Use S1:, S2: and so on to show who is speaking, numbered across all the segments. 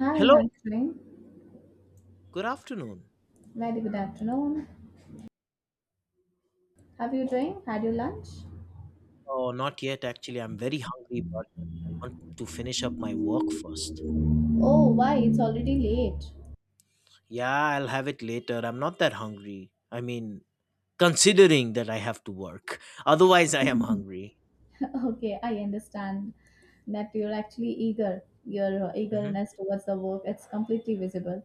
S1: Hi,
S2: Hello,
S1: how you doing?
S2: good afternoon.
S1: Very good afternoon. Have you doing? Had your lunch?
S2: Oh, not yet, actually. I'm very hungry, but I want to finish up my work first.
S1: Oh, why? It's already late.
S2: Yeah, I'll have it later. I'm not that hungry. I mean, considering that I have to work. Otherwise, I am hungry.
S1: Okay, I understand that you're actually eager. Your
S2: Hmm.
S1: eagerness towards the work, it's completely visible.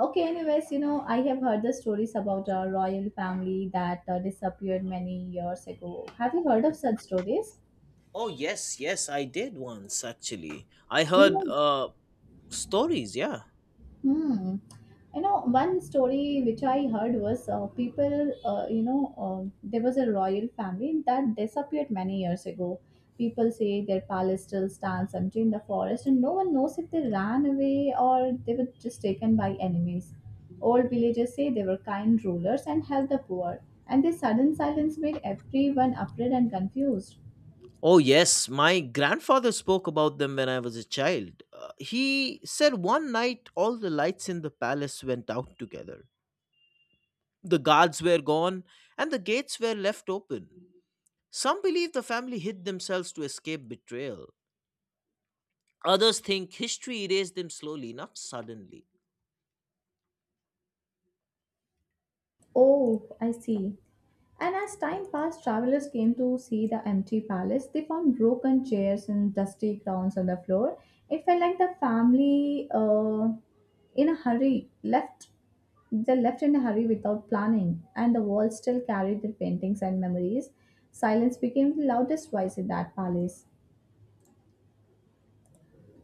S1: Okay, anyways, I have heard the stories about a royal family that disappeared many years ago. Have you heard of such stories?
S2: Oh, yes, yes, I did once, actually. I
S1: You
S2: heard
S1: know,
S2: stories, yeah.
S1: Hmm. One story which I heard was people, there was a royal family that disappeared many years ago. People say their palace still stands empty in the forest, and no one knows if they ran away or they were just taken by enemies. Old villagers say they were kind rulers and helped the poor, and this sudden silence made everyone afraid and confused.
S2: Oh, yes, my grandfather spoke about them when I was a child. He said one night all the lights in the palace went out together. The guards were gone, and the gates were left open. Some believe the family hid themselves to escape betrayal. Others think history erased them slowly, not suddenly.
S1: Oh, I see. And as time passed, travelers came to see the empty palace. They found broken chairs and dusty crowns on the floor. It felt like the family, in a hurry, left. They left in a hurry without planning, and the walls still carried their paintings and memories. Silence became the loudest voice in that palace.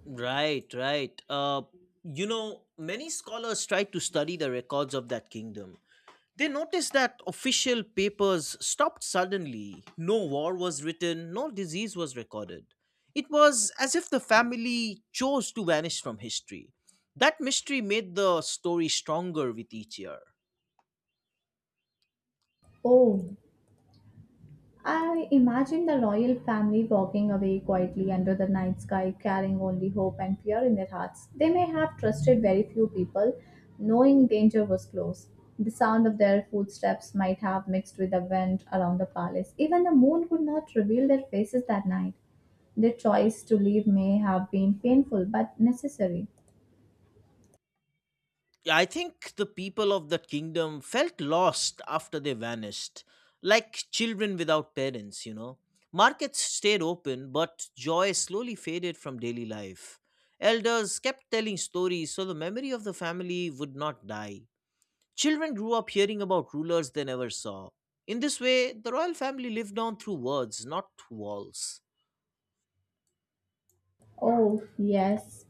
S2: Right, right. Many scholars tried to study the records of that kingdom. They noticed that official papers stopped suddenly. No war was written, no disease was recorded. It was as if the family chose to vanish from history. That mystery made the story stronger with each year.
S1: Oh, I imagine the royal family walking away quietly under the night sky, carrying only hope and fear in their hearts. They may have trusted very few people, knowing danger was close. The sound of their footsteps might have mixed with the wind around the palace. Even the moon could not reveal their faces that night. Their choice to leave may have been painful but necessary.
S2: Yeah, I think the people of that kingdom felt lost after they vanished, like children without parents, you know. Markets stayed open, but joy slowly faded from daily life. Elders kept telling stories so the memory of the family would not die. Children grew up hearing about rulers they never saw. In this way, the royal family lived on through words, not walls.
S1: Oh, yes,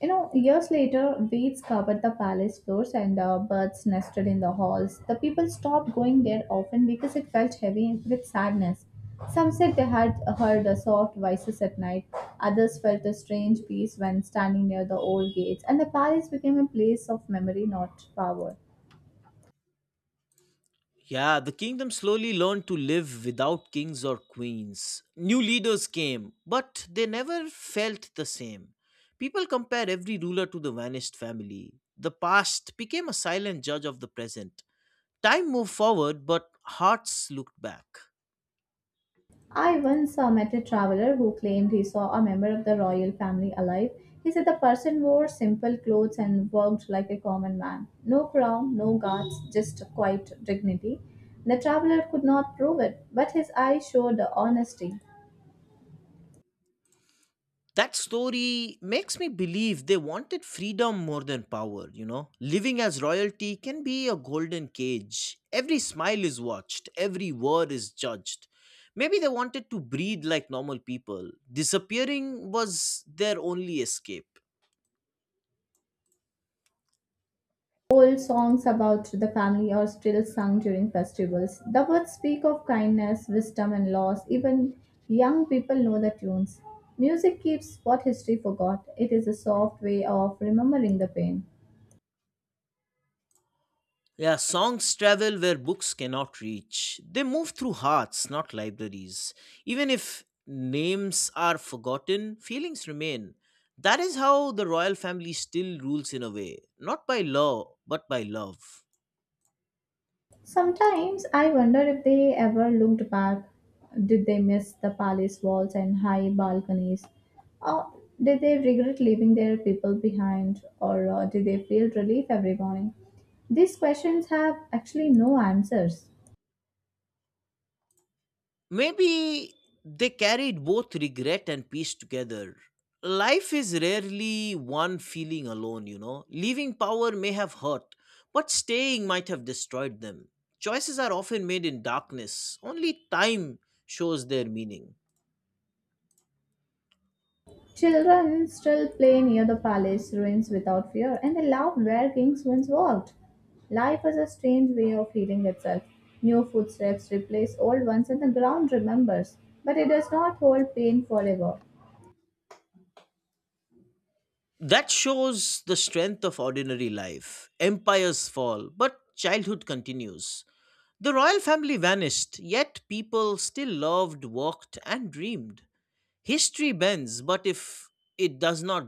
S1: Years later, weeds covered the palace floors and birds nested in the halls. The people stopped going there often because it felt heavy with sadness. Some said they had heard the soft voices at night. Others felt a strange peace when standing near the old gates, and the palace became a place of memory, not power.
S2: Yeah, the kingdom slowly learned to live without kings or queens. New leaders came, but they never felt the same. People compare every ruler to the vanished family. The past became a silent judge of the present. Time moved forward, but hearts looked back.
S1: I once met a traveler who claimed he saw a member of the royal family alive. He said the person wore simple clothes and worked like a common man. No crown, no guards, just quiet dignity. The traveler could not prove it, but his eyes showed honesty.
S2: That story makes me believe they wanted freedom more than power, you know? Living as royalty can be a golden cage. Every smile is watched, every word is judged. Maybe they wanted to breathe like normal people. Disappearing was their only escape.
S1: Old songs about the family are still sung during festivals. The words speak of kindness, wisdom, and loss. Even young people know the tunes. Music keeps what history forgot. It is a soft way of remembering the pain.
S2: Yeah, songs travel where books cannot reach. They move through hearts, not libraries. Even if names are forgotten, feelings remain. That is how the royal family still rules in a way, not by law, but by love.
S1: Sometimes I wonder if they ever looked back. Did they miss the palace walls and high balconies? Or did they regret leaving their people behind? Or did they feel relief every morning? These questions have actually no answers.
S2: Maybe they carried both regret and peace together. Life is rarely one feeling alone, you know. Leaving power may have hurt, but staying might have destroyed them. Choices are often made in darkness, only time shows their meaning.
S1: Children still play near the palace ruins without fear, and they love where kings once walked. Life is a strange way of healing itself. New footsteps replace old ones, and the ground remembers, but it does not hold pain forever.
S2: That shows the strength of ordinary life. Empires fall, but childhood continues. The royal family vanished, yet people still loved, walked, and dreamed. History bends, but if it does not,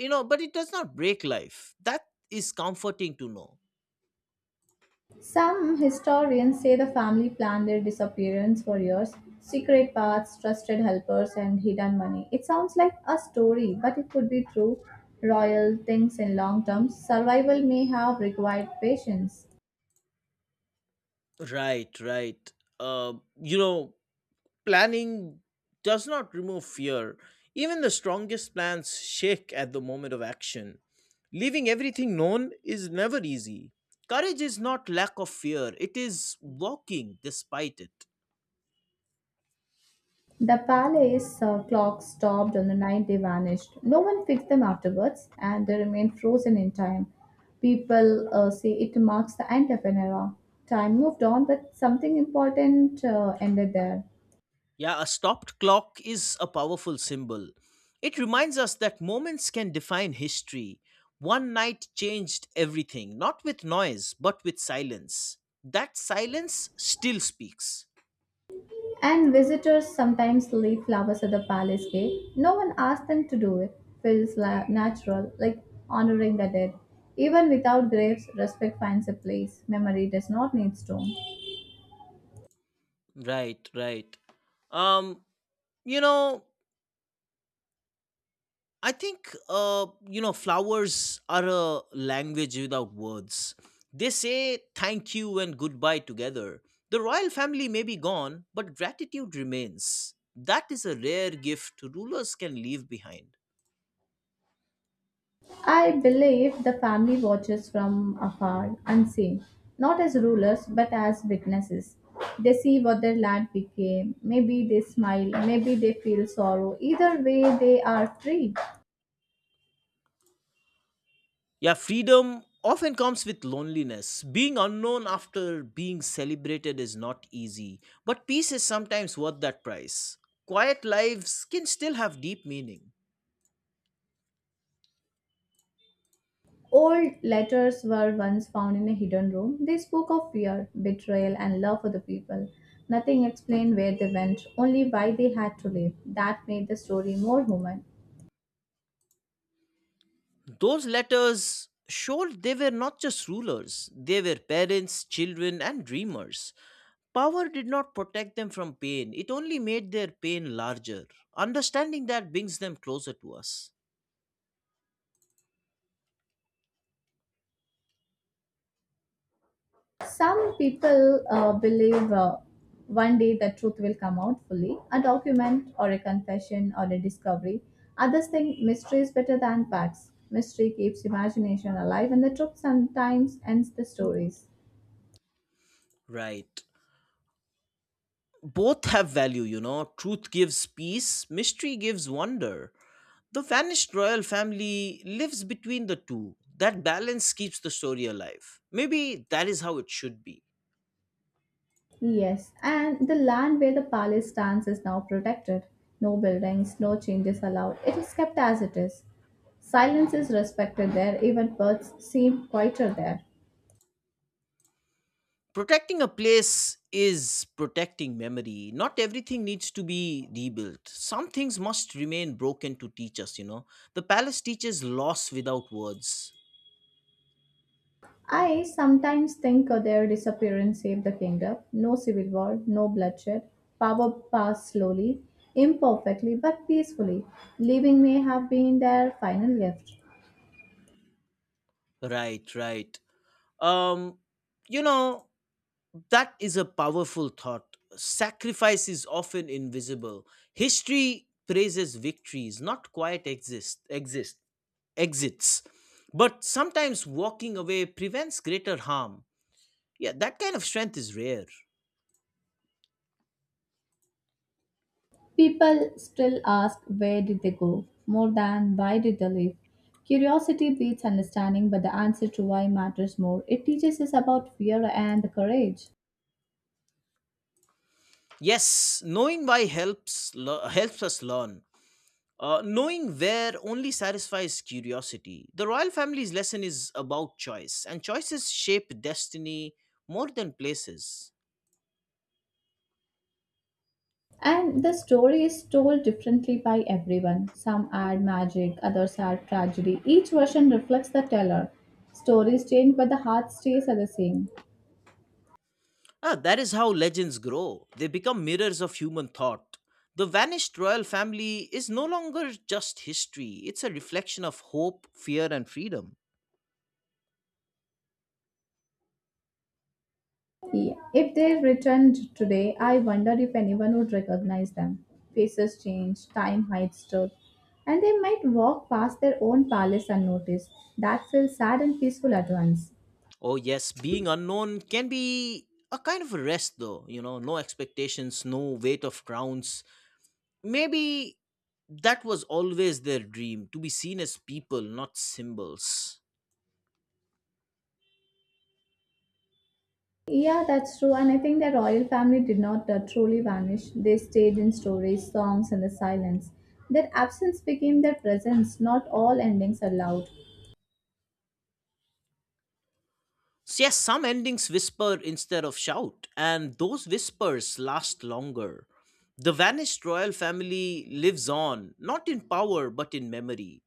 S2: you know, but it does not break life, that is comforting to know.
S1: Some historians say the family planned their disappearance for years secret paths, trusted helpers, and hidden money. It sounds like a story, but it could be true. Royal things in long term survival may have required patience.
S2: Right, right. uh, you know Planning does not remove fear. Even the strongest plans shake at the moment of action. Leaving everything known is never easy. Courage is not lack of fear, it is walking despite it.
S1: The palace clock stopped on the night they vanished. No one fixed them afterwards, and they remained frozen in time. People say it marks the end of an era. Time moved on, but something important ended there.
S2: Yeah, a stopped clock is a powerful symbol. It reminds us that moments can define history. One night changed everything, not with noise, but with silence. That silence still speaks.
S1: And visitors sometimes leave flowers at the palace gate. No one asks them to do it. Feels natural, like honoring the dead. Even without graves, respect finds a place. Memory does not need stone.
S2: Right, right. Um, you know, I think, you know, flowers are a language without words. They say thank you and goodbye together. The royal family may be gone, but gratitude remains. That is a rare gift rulers can leave behind.
S1: I believe the family watches from afar, unseen, not as rulers but as witnesses. They see what their land became. Maybe they smile, maybe they feel sorrow. Either way, they are free.
S2: Yeah, freedom often comes with loneliness. Being unknown after being celebrated is not easy, but peace is sometimes worth that price. Quiet lives can still have deep meaning.
S1: Old letters were once found in a hidden room. They spoke of fear, betrayal, and love for the people. Nothing explained where they went, only why they had to leave. That made the story more human.
S2: Those letters showed they were not just rulers, they were parents, children, and dreamers. Power did not protect them from pain, it only made their pain larger. Understanding that brings them closer to us.
S1: Some people believe one day the truth will come out fully a document, or a confession, or a discovery. Others think mystery is better than facts. Mystery keeps imagination alive, and the truth sometimes ends the stories.
S2: Right. Both have value, you know. Truth gives peace, mystery gives wonder. The vanished royal family lives between the two. That balance keeps the story alive. Maybe that is how it should be.
S1: Yes, and the land where the palace stands is now protected. No buildings, no changes allowed. It is kept as it is. Silence is respected there, even birds seem quieter there.
S2: Protecting a place is protecting memory. Not everything needs to be rebuilt. Some things must remain broken to teach us, you know. The palace teaches loss without words.
S1: I sometimes think of their disappearance saved the kingdom. No civil war, no bloodshed. Power passed slowly, imperfectly, but peacefully. Leaving may have been their final gift.
S2: Right, right. Um, you know, that is a powerful thought. Sacrifice is often invisible. History praises victories, not quiet exist exist exits. But sometimes walking away prevents greater harm. Yeah, that kind of strength is rare.
S1: People still ask where did they go more than why did they leave. Curiosity beats understanding, but the answer to why matters more. It teaches us about fear and courage.
S2: Yes, knowing why helps us learn. Knowing where only satisfies curiosity. The royal family's lesson is about choice, and choices shape destiny more than places.
S1: And the story is told differently by everyone. Some add magic, others add tragedy. Each version reflects the teller. Stories change, but the heart stays are the same.
S2: Ah, that is how legends grow. They become mirrors of human thought. The vanished royal family is no longer just history, it's a reflection of hope, fear, and freedom.
S1: Yeah. If they returned today, I wonder if anyone would recognize them. Faces change, time hides truth, and they might walk past their own palace unnoticed. That feels sad and peaceful at once.
S2: Oh, yes, being unknown can be a kind of a rest, though. You know, no expectations, no weight of crowns. Maybe that was always their dream, to be seen as people, not symbols.
S1: Yeah, that's true, and I think the royal family did not truly vanish. They stayed in stories, songs, and the silence. Their absence became their presence. Not all endings are loud.
S2: So yes, some endings whisper instead of shout, and those whispers last longer. The vanished royal family lives on, not in power, but in memory.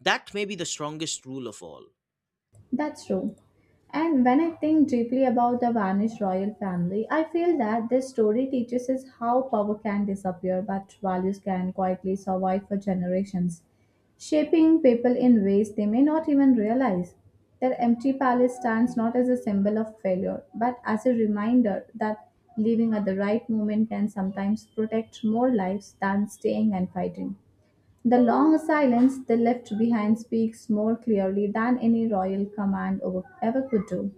S2: That may be the strongest rule of all.
S1: That's true. And when I think deeply about the vanished royal family, I feel that this story teaches us how power can disappear but values can quietly survive for generations, shaping people in ways they may not even realize. Their empty palace stands not as a symbol of failure but as a reminder that leaving at the right moment can sometimes protect more lives than staying and fighting. The long silence they left behind speaks more clearly than any royal command ever could do.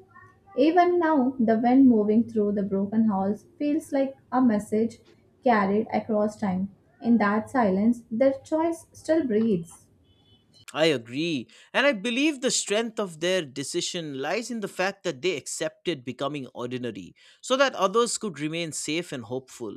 S1: Even now, the wind moving through the broken halls feels like a message carried across time. In that silence, their choice still breathes.
S2: I agree, and I believe the strength of their decision lies in the fact that they accepted becoming ordinary so that others could remain safe and hopeful,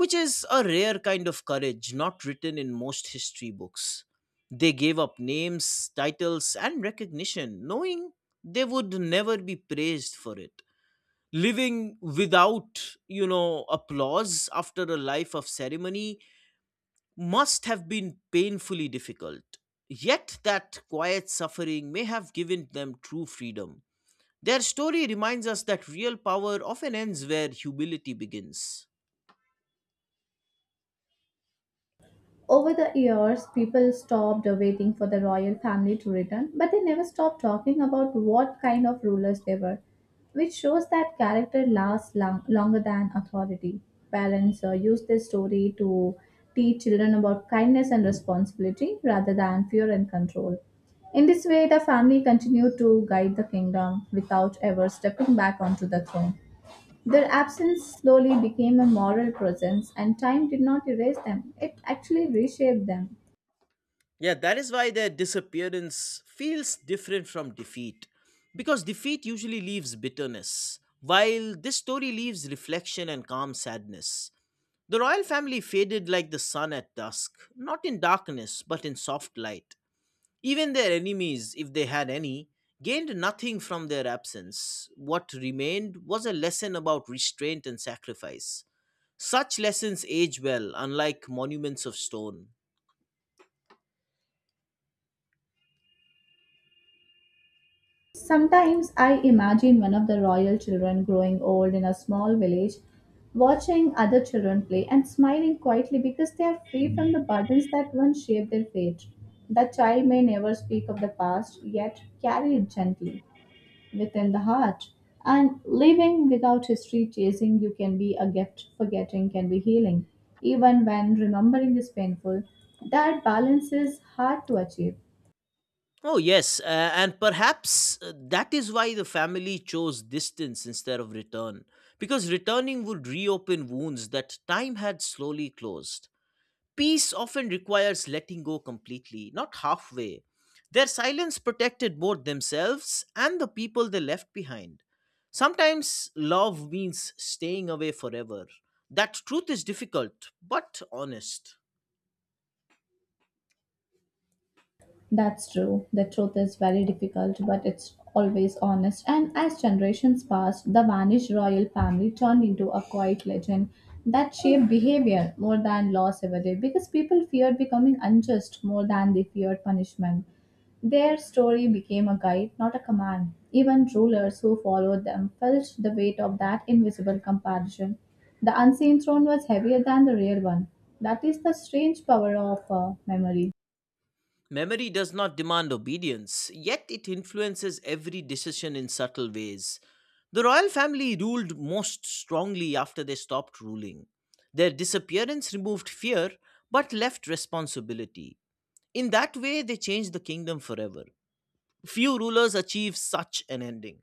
S2: which is a rare kind of courage not written in most history books. They gave up names, titles, and recognition, knowing they would never be praised for it. Living without, you know, applause after a life of ceremony must have been painfully difficult. Yet, that quiet suffering may have given them true freedom. Their story reminds us that real power often ends where humility begins.
S1: Over the years, people stopped waiting for the royal family to return, but they never stopped talking about what kind of rulers they were, which shows that character lasts long, longer than authority. Parents use this story to teach children about kindness and responsibility rather than fear and control. In this way, the family continued to guide the kingdom without ever stepping back onto the throne. Their absence slowly became a moral presence, and time did not erase them, it actually reshaped them.
S2: Yeah, that is why their disappearance feels different from defeat. Because defeat usually leaves bitterness, while this story leaves reflection and calm sadness. The royal family faded like the sun at dusk, not in darkness, but in soft light. Even their enemies, if they had any, gained nothing from their absence. What remained was a lesson about restraint and sacrifice. Such lessons age well, unlike monuments of stone.
S1: Sometimes I imagine one of the royal children growing old in a small village, watching other children play and smiling quietly because they are free from the burdens that once shaped their fate. The child may never speak of the past, yet carry it gently within the heart. And living without history chasing you can be a gift, forgetting can be healing. Even when remembering is painful, that balance is hard to achieve.
S2: Oh, yes. And perhaps, that is why the family chose distance instead of return, because returning would reopen wounds that time had slowly closed. Peace often requires letting go completely, not halfway. Their silence protected both themselves and the people they left behind. Sometimes love means staying away forever. That truth is difficult, but honest.
S1: That's true. The truth is very difficult, but it's always honest. And as generations passed, the vanished royal family turned into a quiet legend that shaped behavior more than laws ever did because people feared becoming unjust more than they feared punishment. Their story became a guide, not a command. Even rulers who followed them felt the weight of that invisible comparison. The unseen throne was heavier than the real one. That is the strange power of memory.
S2: Memory does not demand obedience, yet it influences every decision in subtle ways. The royal family ruled most strongly after they stopped ruling. Their disappearance removed fear but left responsibility. In that way, they changed the kingdom forever. Few rulers achieve such an ending.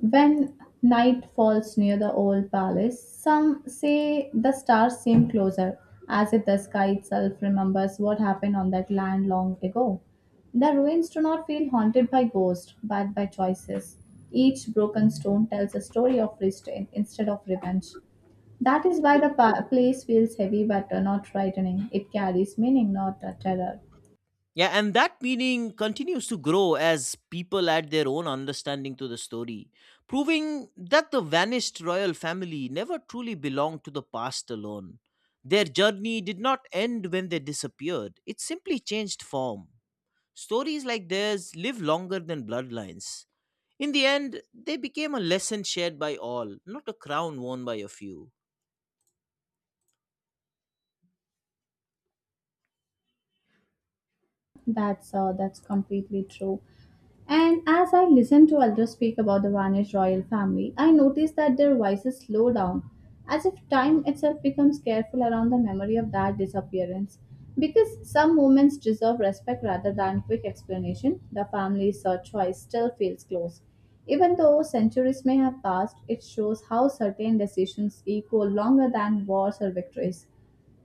S1: When night falls near the old palace, some say the stars seem closer, as if the sky itself remembers what happened on that land long ago. The ruins do not feel haunted by ghosts, but by choices. Each broken stone tells a story of restraint instead of revenge. That is why the place feels heavy but not frightening. It carries meaning, not terror.
S2: Yeah, and that meaning continues to grow as people add their own understanding to the story, proving that the vanished royal family never truly belonged to the past alone. Their journey did not end when they disappeared, it simply changed form. Stories like theirs live longer than bloodlines. In the end, they became a lesson shared by all, not a crown worn by a few.
S1: That's completely true. And as I listened to elders speak about the vanished royal family, I noticed that their voices slow down, as if time itself becomes careful around the memory of that disappearance. Because some moments deserve respect rather than quick explanation, the family's search choice still feels close. Even though centuries may have passed, it shows how certain decisions echo longer than wars or victories.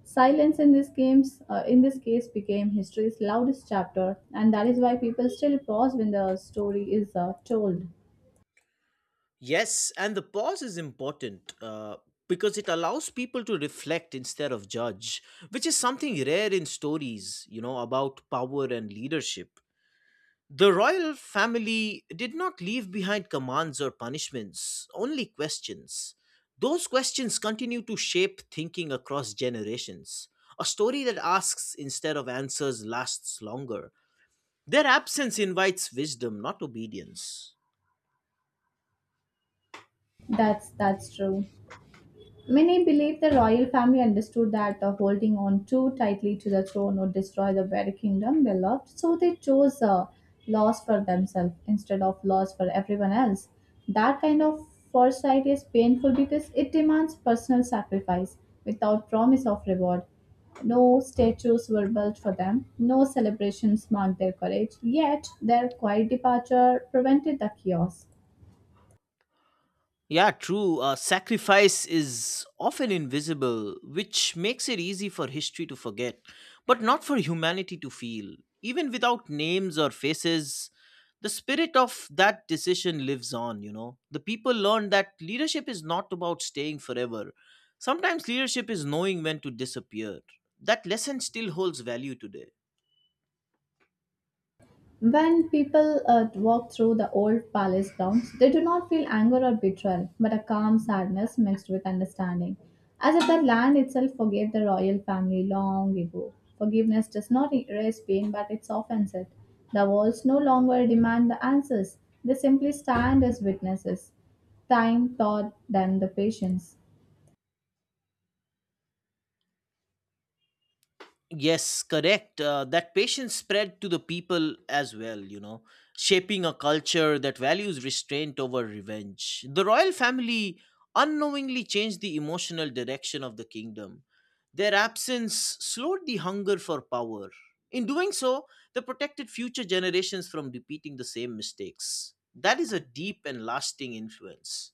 S1: Silence in this in this case, became history's loudest chapter, and that is why people still pause when the story is told.
S2: Yes, and the pause is important, because it allows people to reflect instead of judge, which is something rare in stories, you know, about power and leadership. The royal family did not leave behind commands or punishments, only questions. Those questions continue to shape thinking across generations. A story that asks instead of answers lasts longer. Their absence invites wisdom, not obedience.
S1: That's true. Many believe the royal family understood that holding on too tightly to the throne would destroy the very kingdom they loved, so they chose loss for themselves instead of loss for everyone else. That kind of foresight is painful because it demands personal sacrifice without promise of reward. No statues were built for them, no celebrations marked their courage, yet their quiet departure prevented the chaos.
S2: Yeah, true. Sacrifice is often invisible, which makes it easy for history to forget, but not for humanity to feel. Even without names or faces, the spirit of that decision lives on, you know. The people learn that leadership is not about staying forever. Sometimes leadership is knowing when to disappear. That lesson still holds value today.
S1: When people walk through the old palace grounds, they do not feel anger or betrayal, but a calm sadness mixed with understanding, as if the land itself forgave the royal family long ago. Forgiveness does not erase pain, but it softens it. The walls no longer demand the answers, they simply stand as witnesses. Time taught them the patience.
S2: Yes, correct. That patience spread to the people as well, you know, shaping a culture that values restraint over revenge. The royal family unknowingly changed the emotional direction of the kingdom. Their absence slowed the hunger for power. In doing so, they protected future generations from repeating the same mistakes. That is a deep and lasting influence.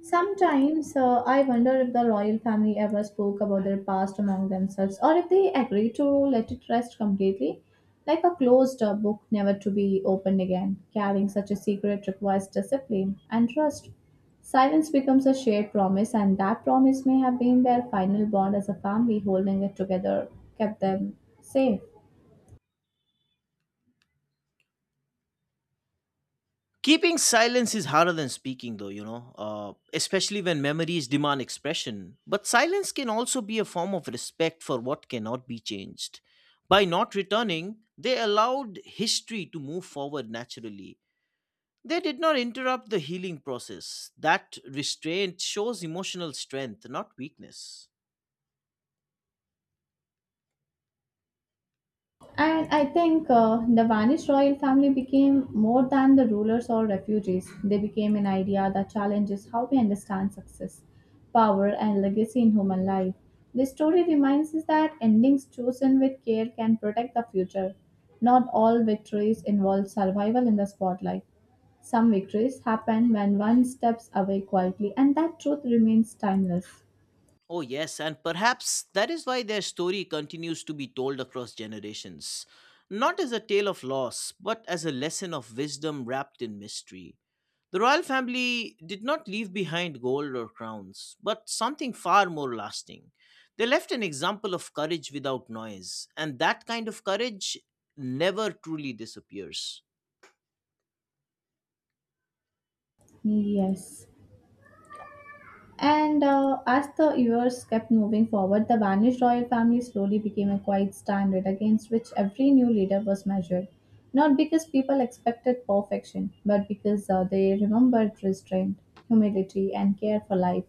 S1: Sometimes I wonder if the royal family ever spoke about their past among themselves or if they agreed to let it rest completely, like a closed book never to be opened again. Carrying such a secret requires discipline and trust. Silence becomes a shared promise, and that promise may have been their final bond as a family holding it together, kept them safe.
S2: Keeping silence is harder than speaking, though, you know, especially when memories demand expression. But silence can also be a form of respect for what cannot be changed. By not returning, they allowed history to move forward naturally. They did not interrupt the healing process. That restraint shows emotional strength, not weakness.
S1: And I think the vanished royal family became more than the rulers or refugees. They became an idea that challenges how we understand success, power, and legacy in human life. This story reminds us that endings chosen with care can protect the future. Not all victories involve survival in the spotlight. Some victories happen when one steps away quietly, and that truth remains timeless.
S2: Oh, yes, and perhaps that is why their story continues to be told across generations. Not as a tale of loss, but as a lesson of wisdom wrapped in mystery. The royal family did not leave behind gold or crowns, but something far more lasting. They left an example of courage without noise, and that kind of courage never truly disappears.
S1: Yes. And as the years kept moving forward, the vanished royal family slowly became a quiet standard against which every new leader was measured. Not because people expected perfection, but because they remembered restraint, humility, and care for life.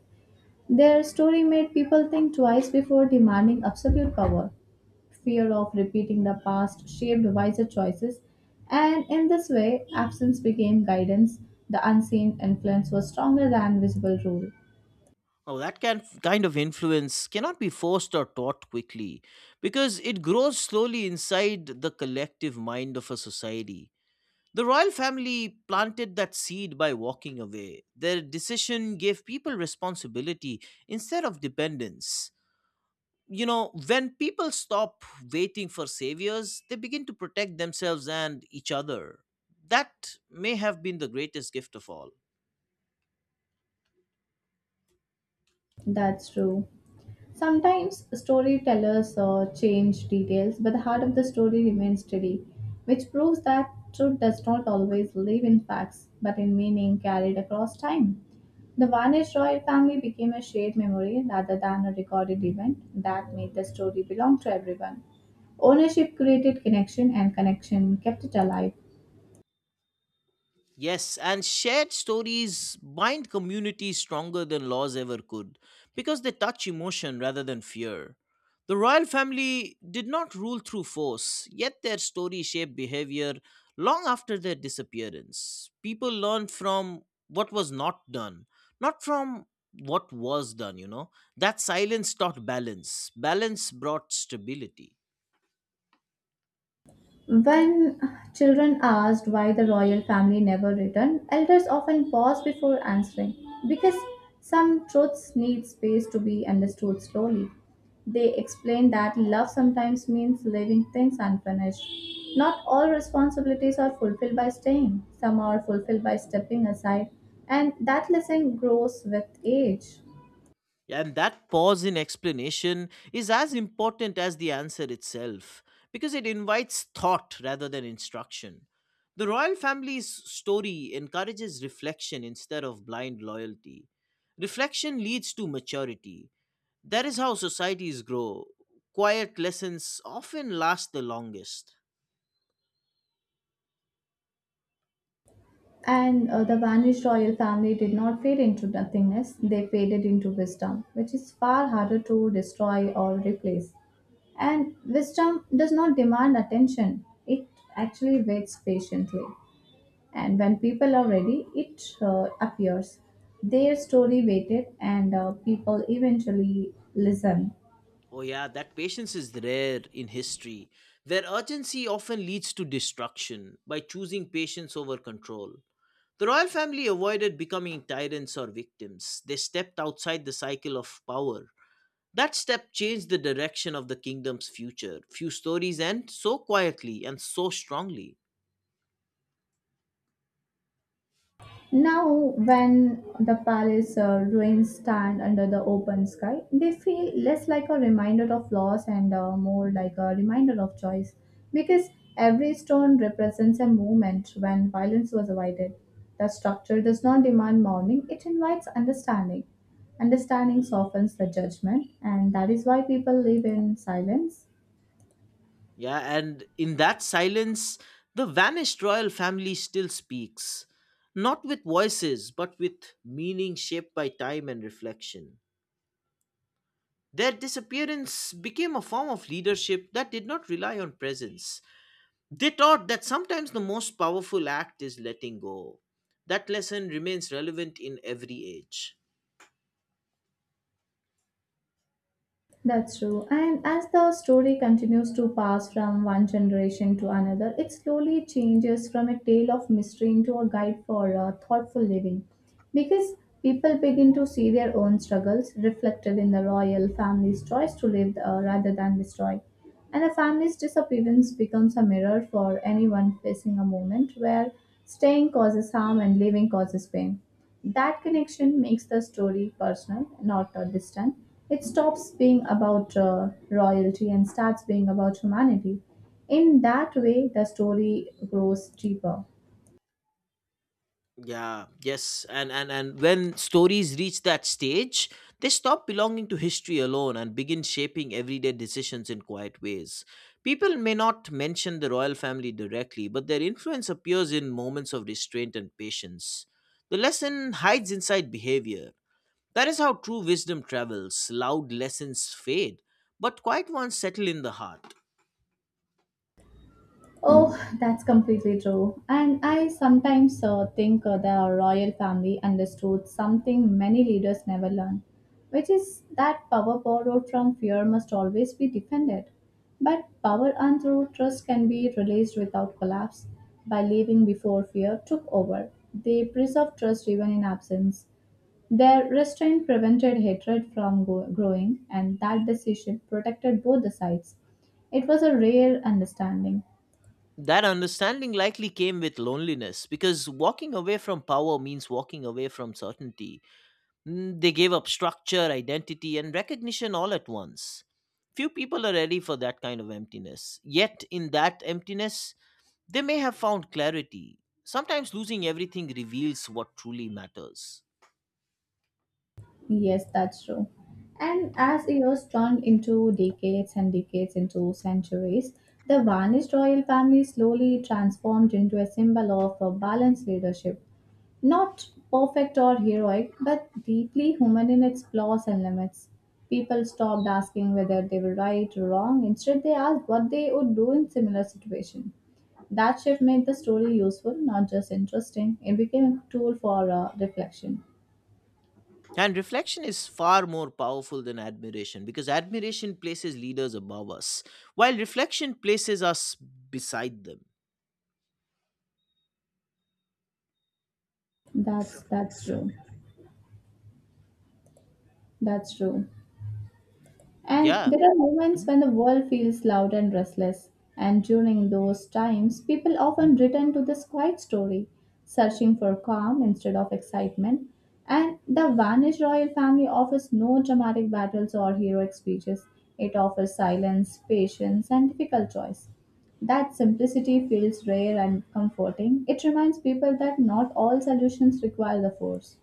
S1: Their story made people think twice before demanding absolute power fear of repeating the past shaped wiser choices, and in this way, absence became guidance. The unseen influence was stronger than visible rule.
S2: Oh, that can kind of influence cannot be forced or taught quickly because it grows slowly inside the collective mind of a society. The royal family planted that seed by walking away. Their decision gave people responsibility instead of dependence. You know, when people stop waiting for saviors, they begin to protect themselves and each other. That may have been the greatest gift of all.
S1: That's true. Sometimes storytellers change details, but the heart of the story remains steady, which proves that truth does not always live in facts, but in meaning carried across time. The vanished royal family became a shared memory rather than a recorded event that made the story belong to everyone. Ownership created connection, and connection kept it alive.
S2: Yes, and shared stories bind communities stronger than laws ever could because they touch emotion rather than fear. The royal family did not rule through force, yet their story shaped behavior long after their disappearance. People learned from what was not done, not from what was done. That silence taught balance, balance brought stability.
S1: When children asked why the royal family never returned, elders often paused before answering because some truths need space to be understood slowly. They explained that love sometimes means leaving things unfinished. Not all responsibilities are fulfilled by staying, some are fulfilled by stepping aside, and that lesson grows with age.
S2: And that pause in explanation is as important as the answer itself because it invites thought rather than instruction. The royal family's story encourages reflection instead of blind loyalty. Reflection leads to maturity. That is how societies grow. Quiet lessons often last the longest.
S1: And the vanished royal family did not fade into nothingness, they faded into wisdom, which is far harder to destroy or replace. And wisdom does not demand attention, it actually waits patiently. And when people are ready, it appears. Their story waited, and people eventually listen.
S2: Oh, yeah, that patience is rare in history, where urgency often leads to destruction by choosing patience over control. The royal family avoided becoming tyrants or victims. They stepped outside the cycle of power. That step changed the direction of the kingdom's future. Few stories end so quietly and so strongly.
S1: Now, when the palace ruins stand under the open sky, they feel less like a reminder of loss and more like a reminder of choice because every stone represents a moment when violence was avoided. The structure does not demand mourning, it invites understanding. Understanding softens the judgment, and that is why people live in silence.
S2: Yeah, and in that silence, the vanished royal family still speaks. Not with voices, but with meaning shaped by time and reflection. Their disappearance became a form of leadership that did not rely on presence. They taught that sometimes the most powerful act is letting go. That lesson remains relevant in every age.
S1: That's true. And as the story continues to pass from one generation to another, it slowly changes from a tale of mystery into a guide for thoughtful living. Because people begin to see their own struggles reflected in the royal family's choice to live rather than destroy. And a family's disappearance becomes a mirror for anyone facing a moment where staying causes harm and living causes pain. That connection makes the story personal, not distant. It stops being about royalty and starts being about humanity. In that way, the story grows deeper.
S2: Yeah, yes. And when stories reach that stage, they stop belonging to history alone and begin shaping everyday decisions in quiet ways. People may not mention the royal family directly, but their influence appears in moments of restraint and patience. The lesson hides inside behavior. That is how true wisdom travels. Loud lessons fade, but quiet ones settle in the heart.
S1: Oh, that's completely true. And I sometimes think the royal family understood something many leaders never learn, which is that power borrowed from fear must always be defended. But power earned through trust can be released without collapse by leaving before fear took over. They preserved trust even in absence. Their restraint prevented hatred from growing, and that decision protected both the sides. It was a rare understanding.
S2: That understanding likely came with loneliness because walking away from power means walking away from certainty. Mm, they gave up structure, identity, and recognition all at once. Few people are ready for that kind of emptiness. Yet, in that emptiness, they may have found clarity. Sometimes losing everything reveals what truly matters.
S1: Yes, that's true. And as years turned into decades and decades into centuries, the vanished royal family slowly transformed into a symbol of a balanced leadership. Not perfect or heroic, but deeply human in its flaws and limits. People stopped asking whether they were right or wrong. Instead, they asked what they would do in similar situation. That shift made the story useful, not just interesting. It became a tool for reflection.
S2: And reflection is far more powerful than admiration because admiration places leaders above us, while reflection places us beside them.
S1: That's true. That's true. And
S2: Yeah.
S1: there are moments
S2: Mhm.
S1: when the world feels loud and restless, and during those times, people often return to this quiet story, searching for calm instead of excitement. And the vanished royal family offers no dramatic battles or heroic speeches. It offers silence, patience, and difficult choice. That simplicity feels rare and comforting. It reminds people that not all solutions require the force.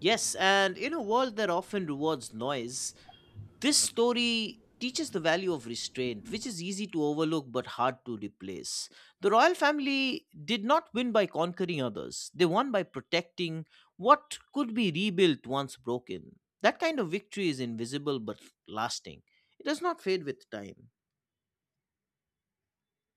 S2: Yes, and in a world that often rewards noise, this story teaches the value of restraint, which is easy to overlook but hard to replace. The royal family did not win by conquering others, they won by protecting what could be rebuilt once broken. That kind of victory is invisible but lasting, it does not fade with time.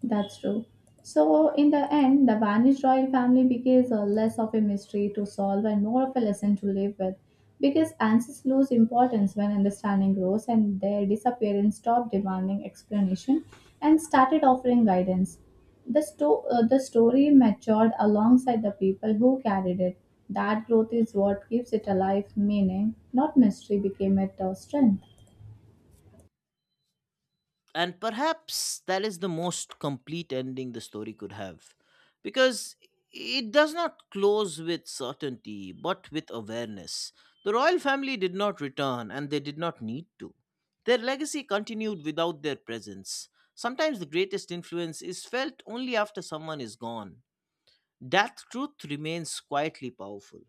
S1: That's true. So, in the end, the vanished royal family becomes less of a mystery to solve and more of a lesson to live with. Because answers lose importance when understanding grows, and their disappearance stopped demanding explanation and started offering guidance. The story matured alongside the people who carried it. That growth is what keeps it alive, meaning, not mystery, became it a strength.
S2: And perhaps that is the most complete ending the story could have, because it does not close with certainty but with awareness. The royal family did not return, and they did not need to. Their legacy continued without their presence. Sometimes the greatest influence is felt only after someone is gone. That truth remains quietly powerful.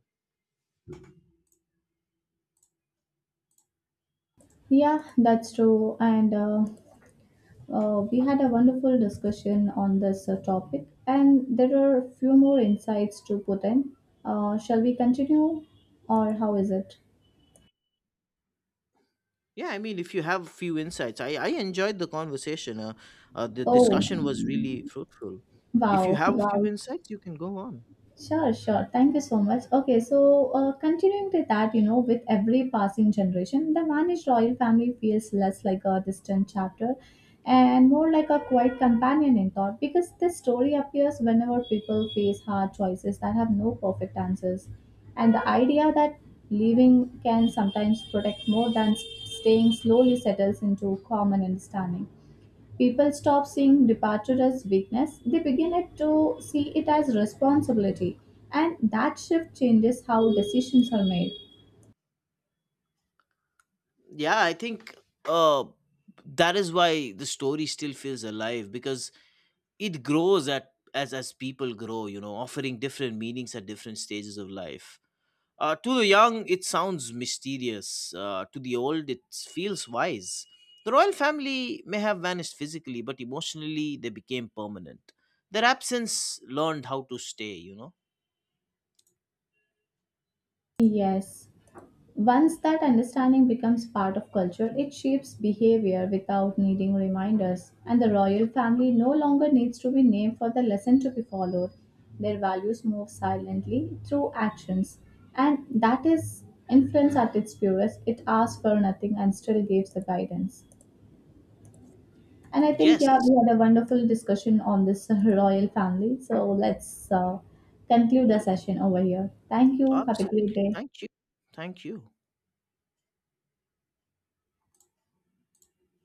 S1: Yeah, that's true. And we had a wonderful discussion on this topic, and there are a few more insights to put in. Shall we continue, or how is it?
S2: Yeah, I mean, if you have few insights, I enjoyed the conversation. The
S1: Oh,
S2: discussion was really fruitful. If you
S1: wow,
S2: have a few
S1: wow.
S2: insights, you can go on.
S1: Sure, sure. Thank you so much. Okay, so continuing with that, you know, with every passing generation, the vanished royal family feels less like a distant chapter and more like a quiet companion in thought because this story appears whenever people face hard choices that have no perfect answers. And the idea that leaving can sometimes protect more than staying slowly settles into common understanding. People stop seeing departure as weakness, they begin it to see it as responsibility, and that shift changes how decisions are made.
S2: Yeah, I think uh that is why the story still feels alive, because it grows at as people grow, you know, offering different meanings at different stages of life. To the young, it sounds mysterious. To the old, it feels wise. The royal family may have vanished physically, but emotionally, they became permanent. Their absence learned how to stay, you know?
S1: Yes. Once that understanding becomes part of culture, it shapes behavior without needing reminders. And the royal family no longer needs to be named for the lesson to be followed. Their values move silently through actions. And that is influence at its purest. It asks for nothing and still gives the guidance. And I think, yeah,
S2: Yes,
S1: we had a wonderful discussion on this royal family. So let's conclude the session over here. Thank you. Have a great
S2: absolutely.
S1: day.
S2: Thank you. Thank you.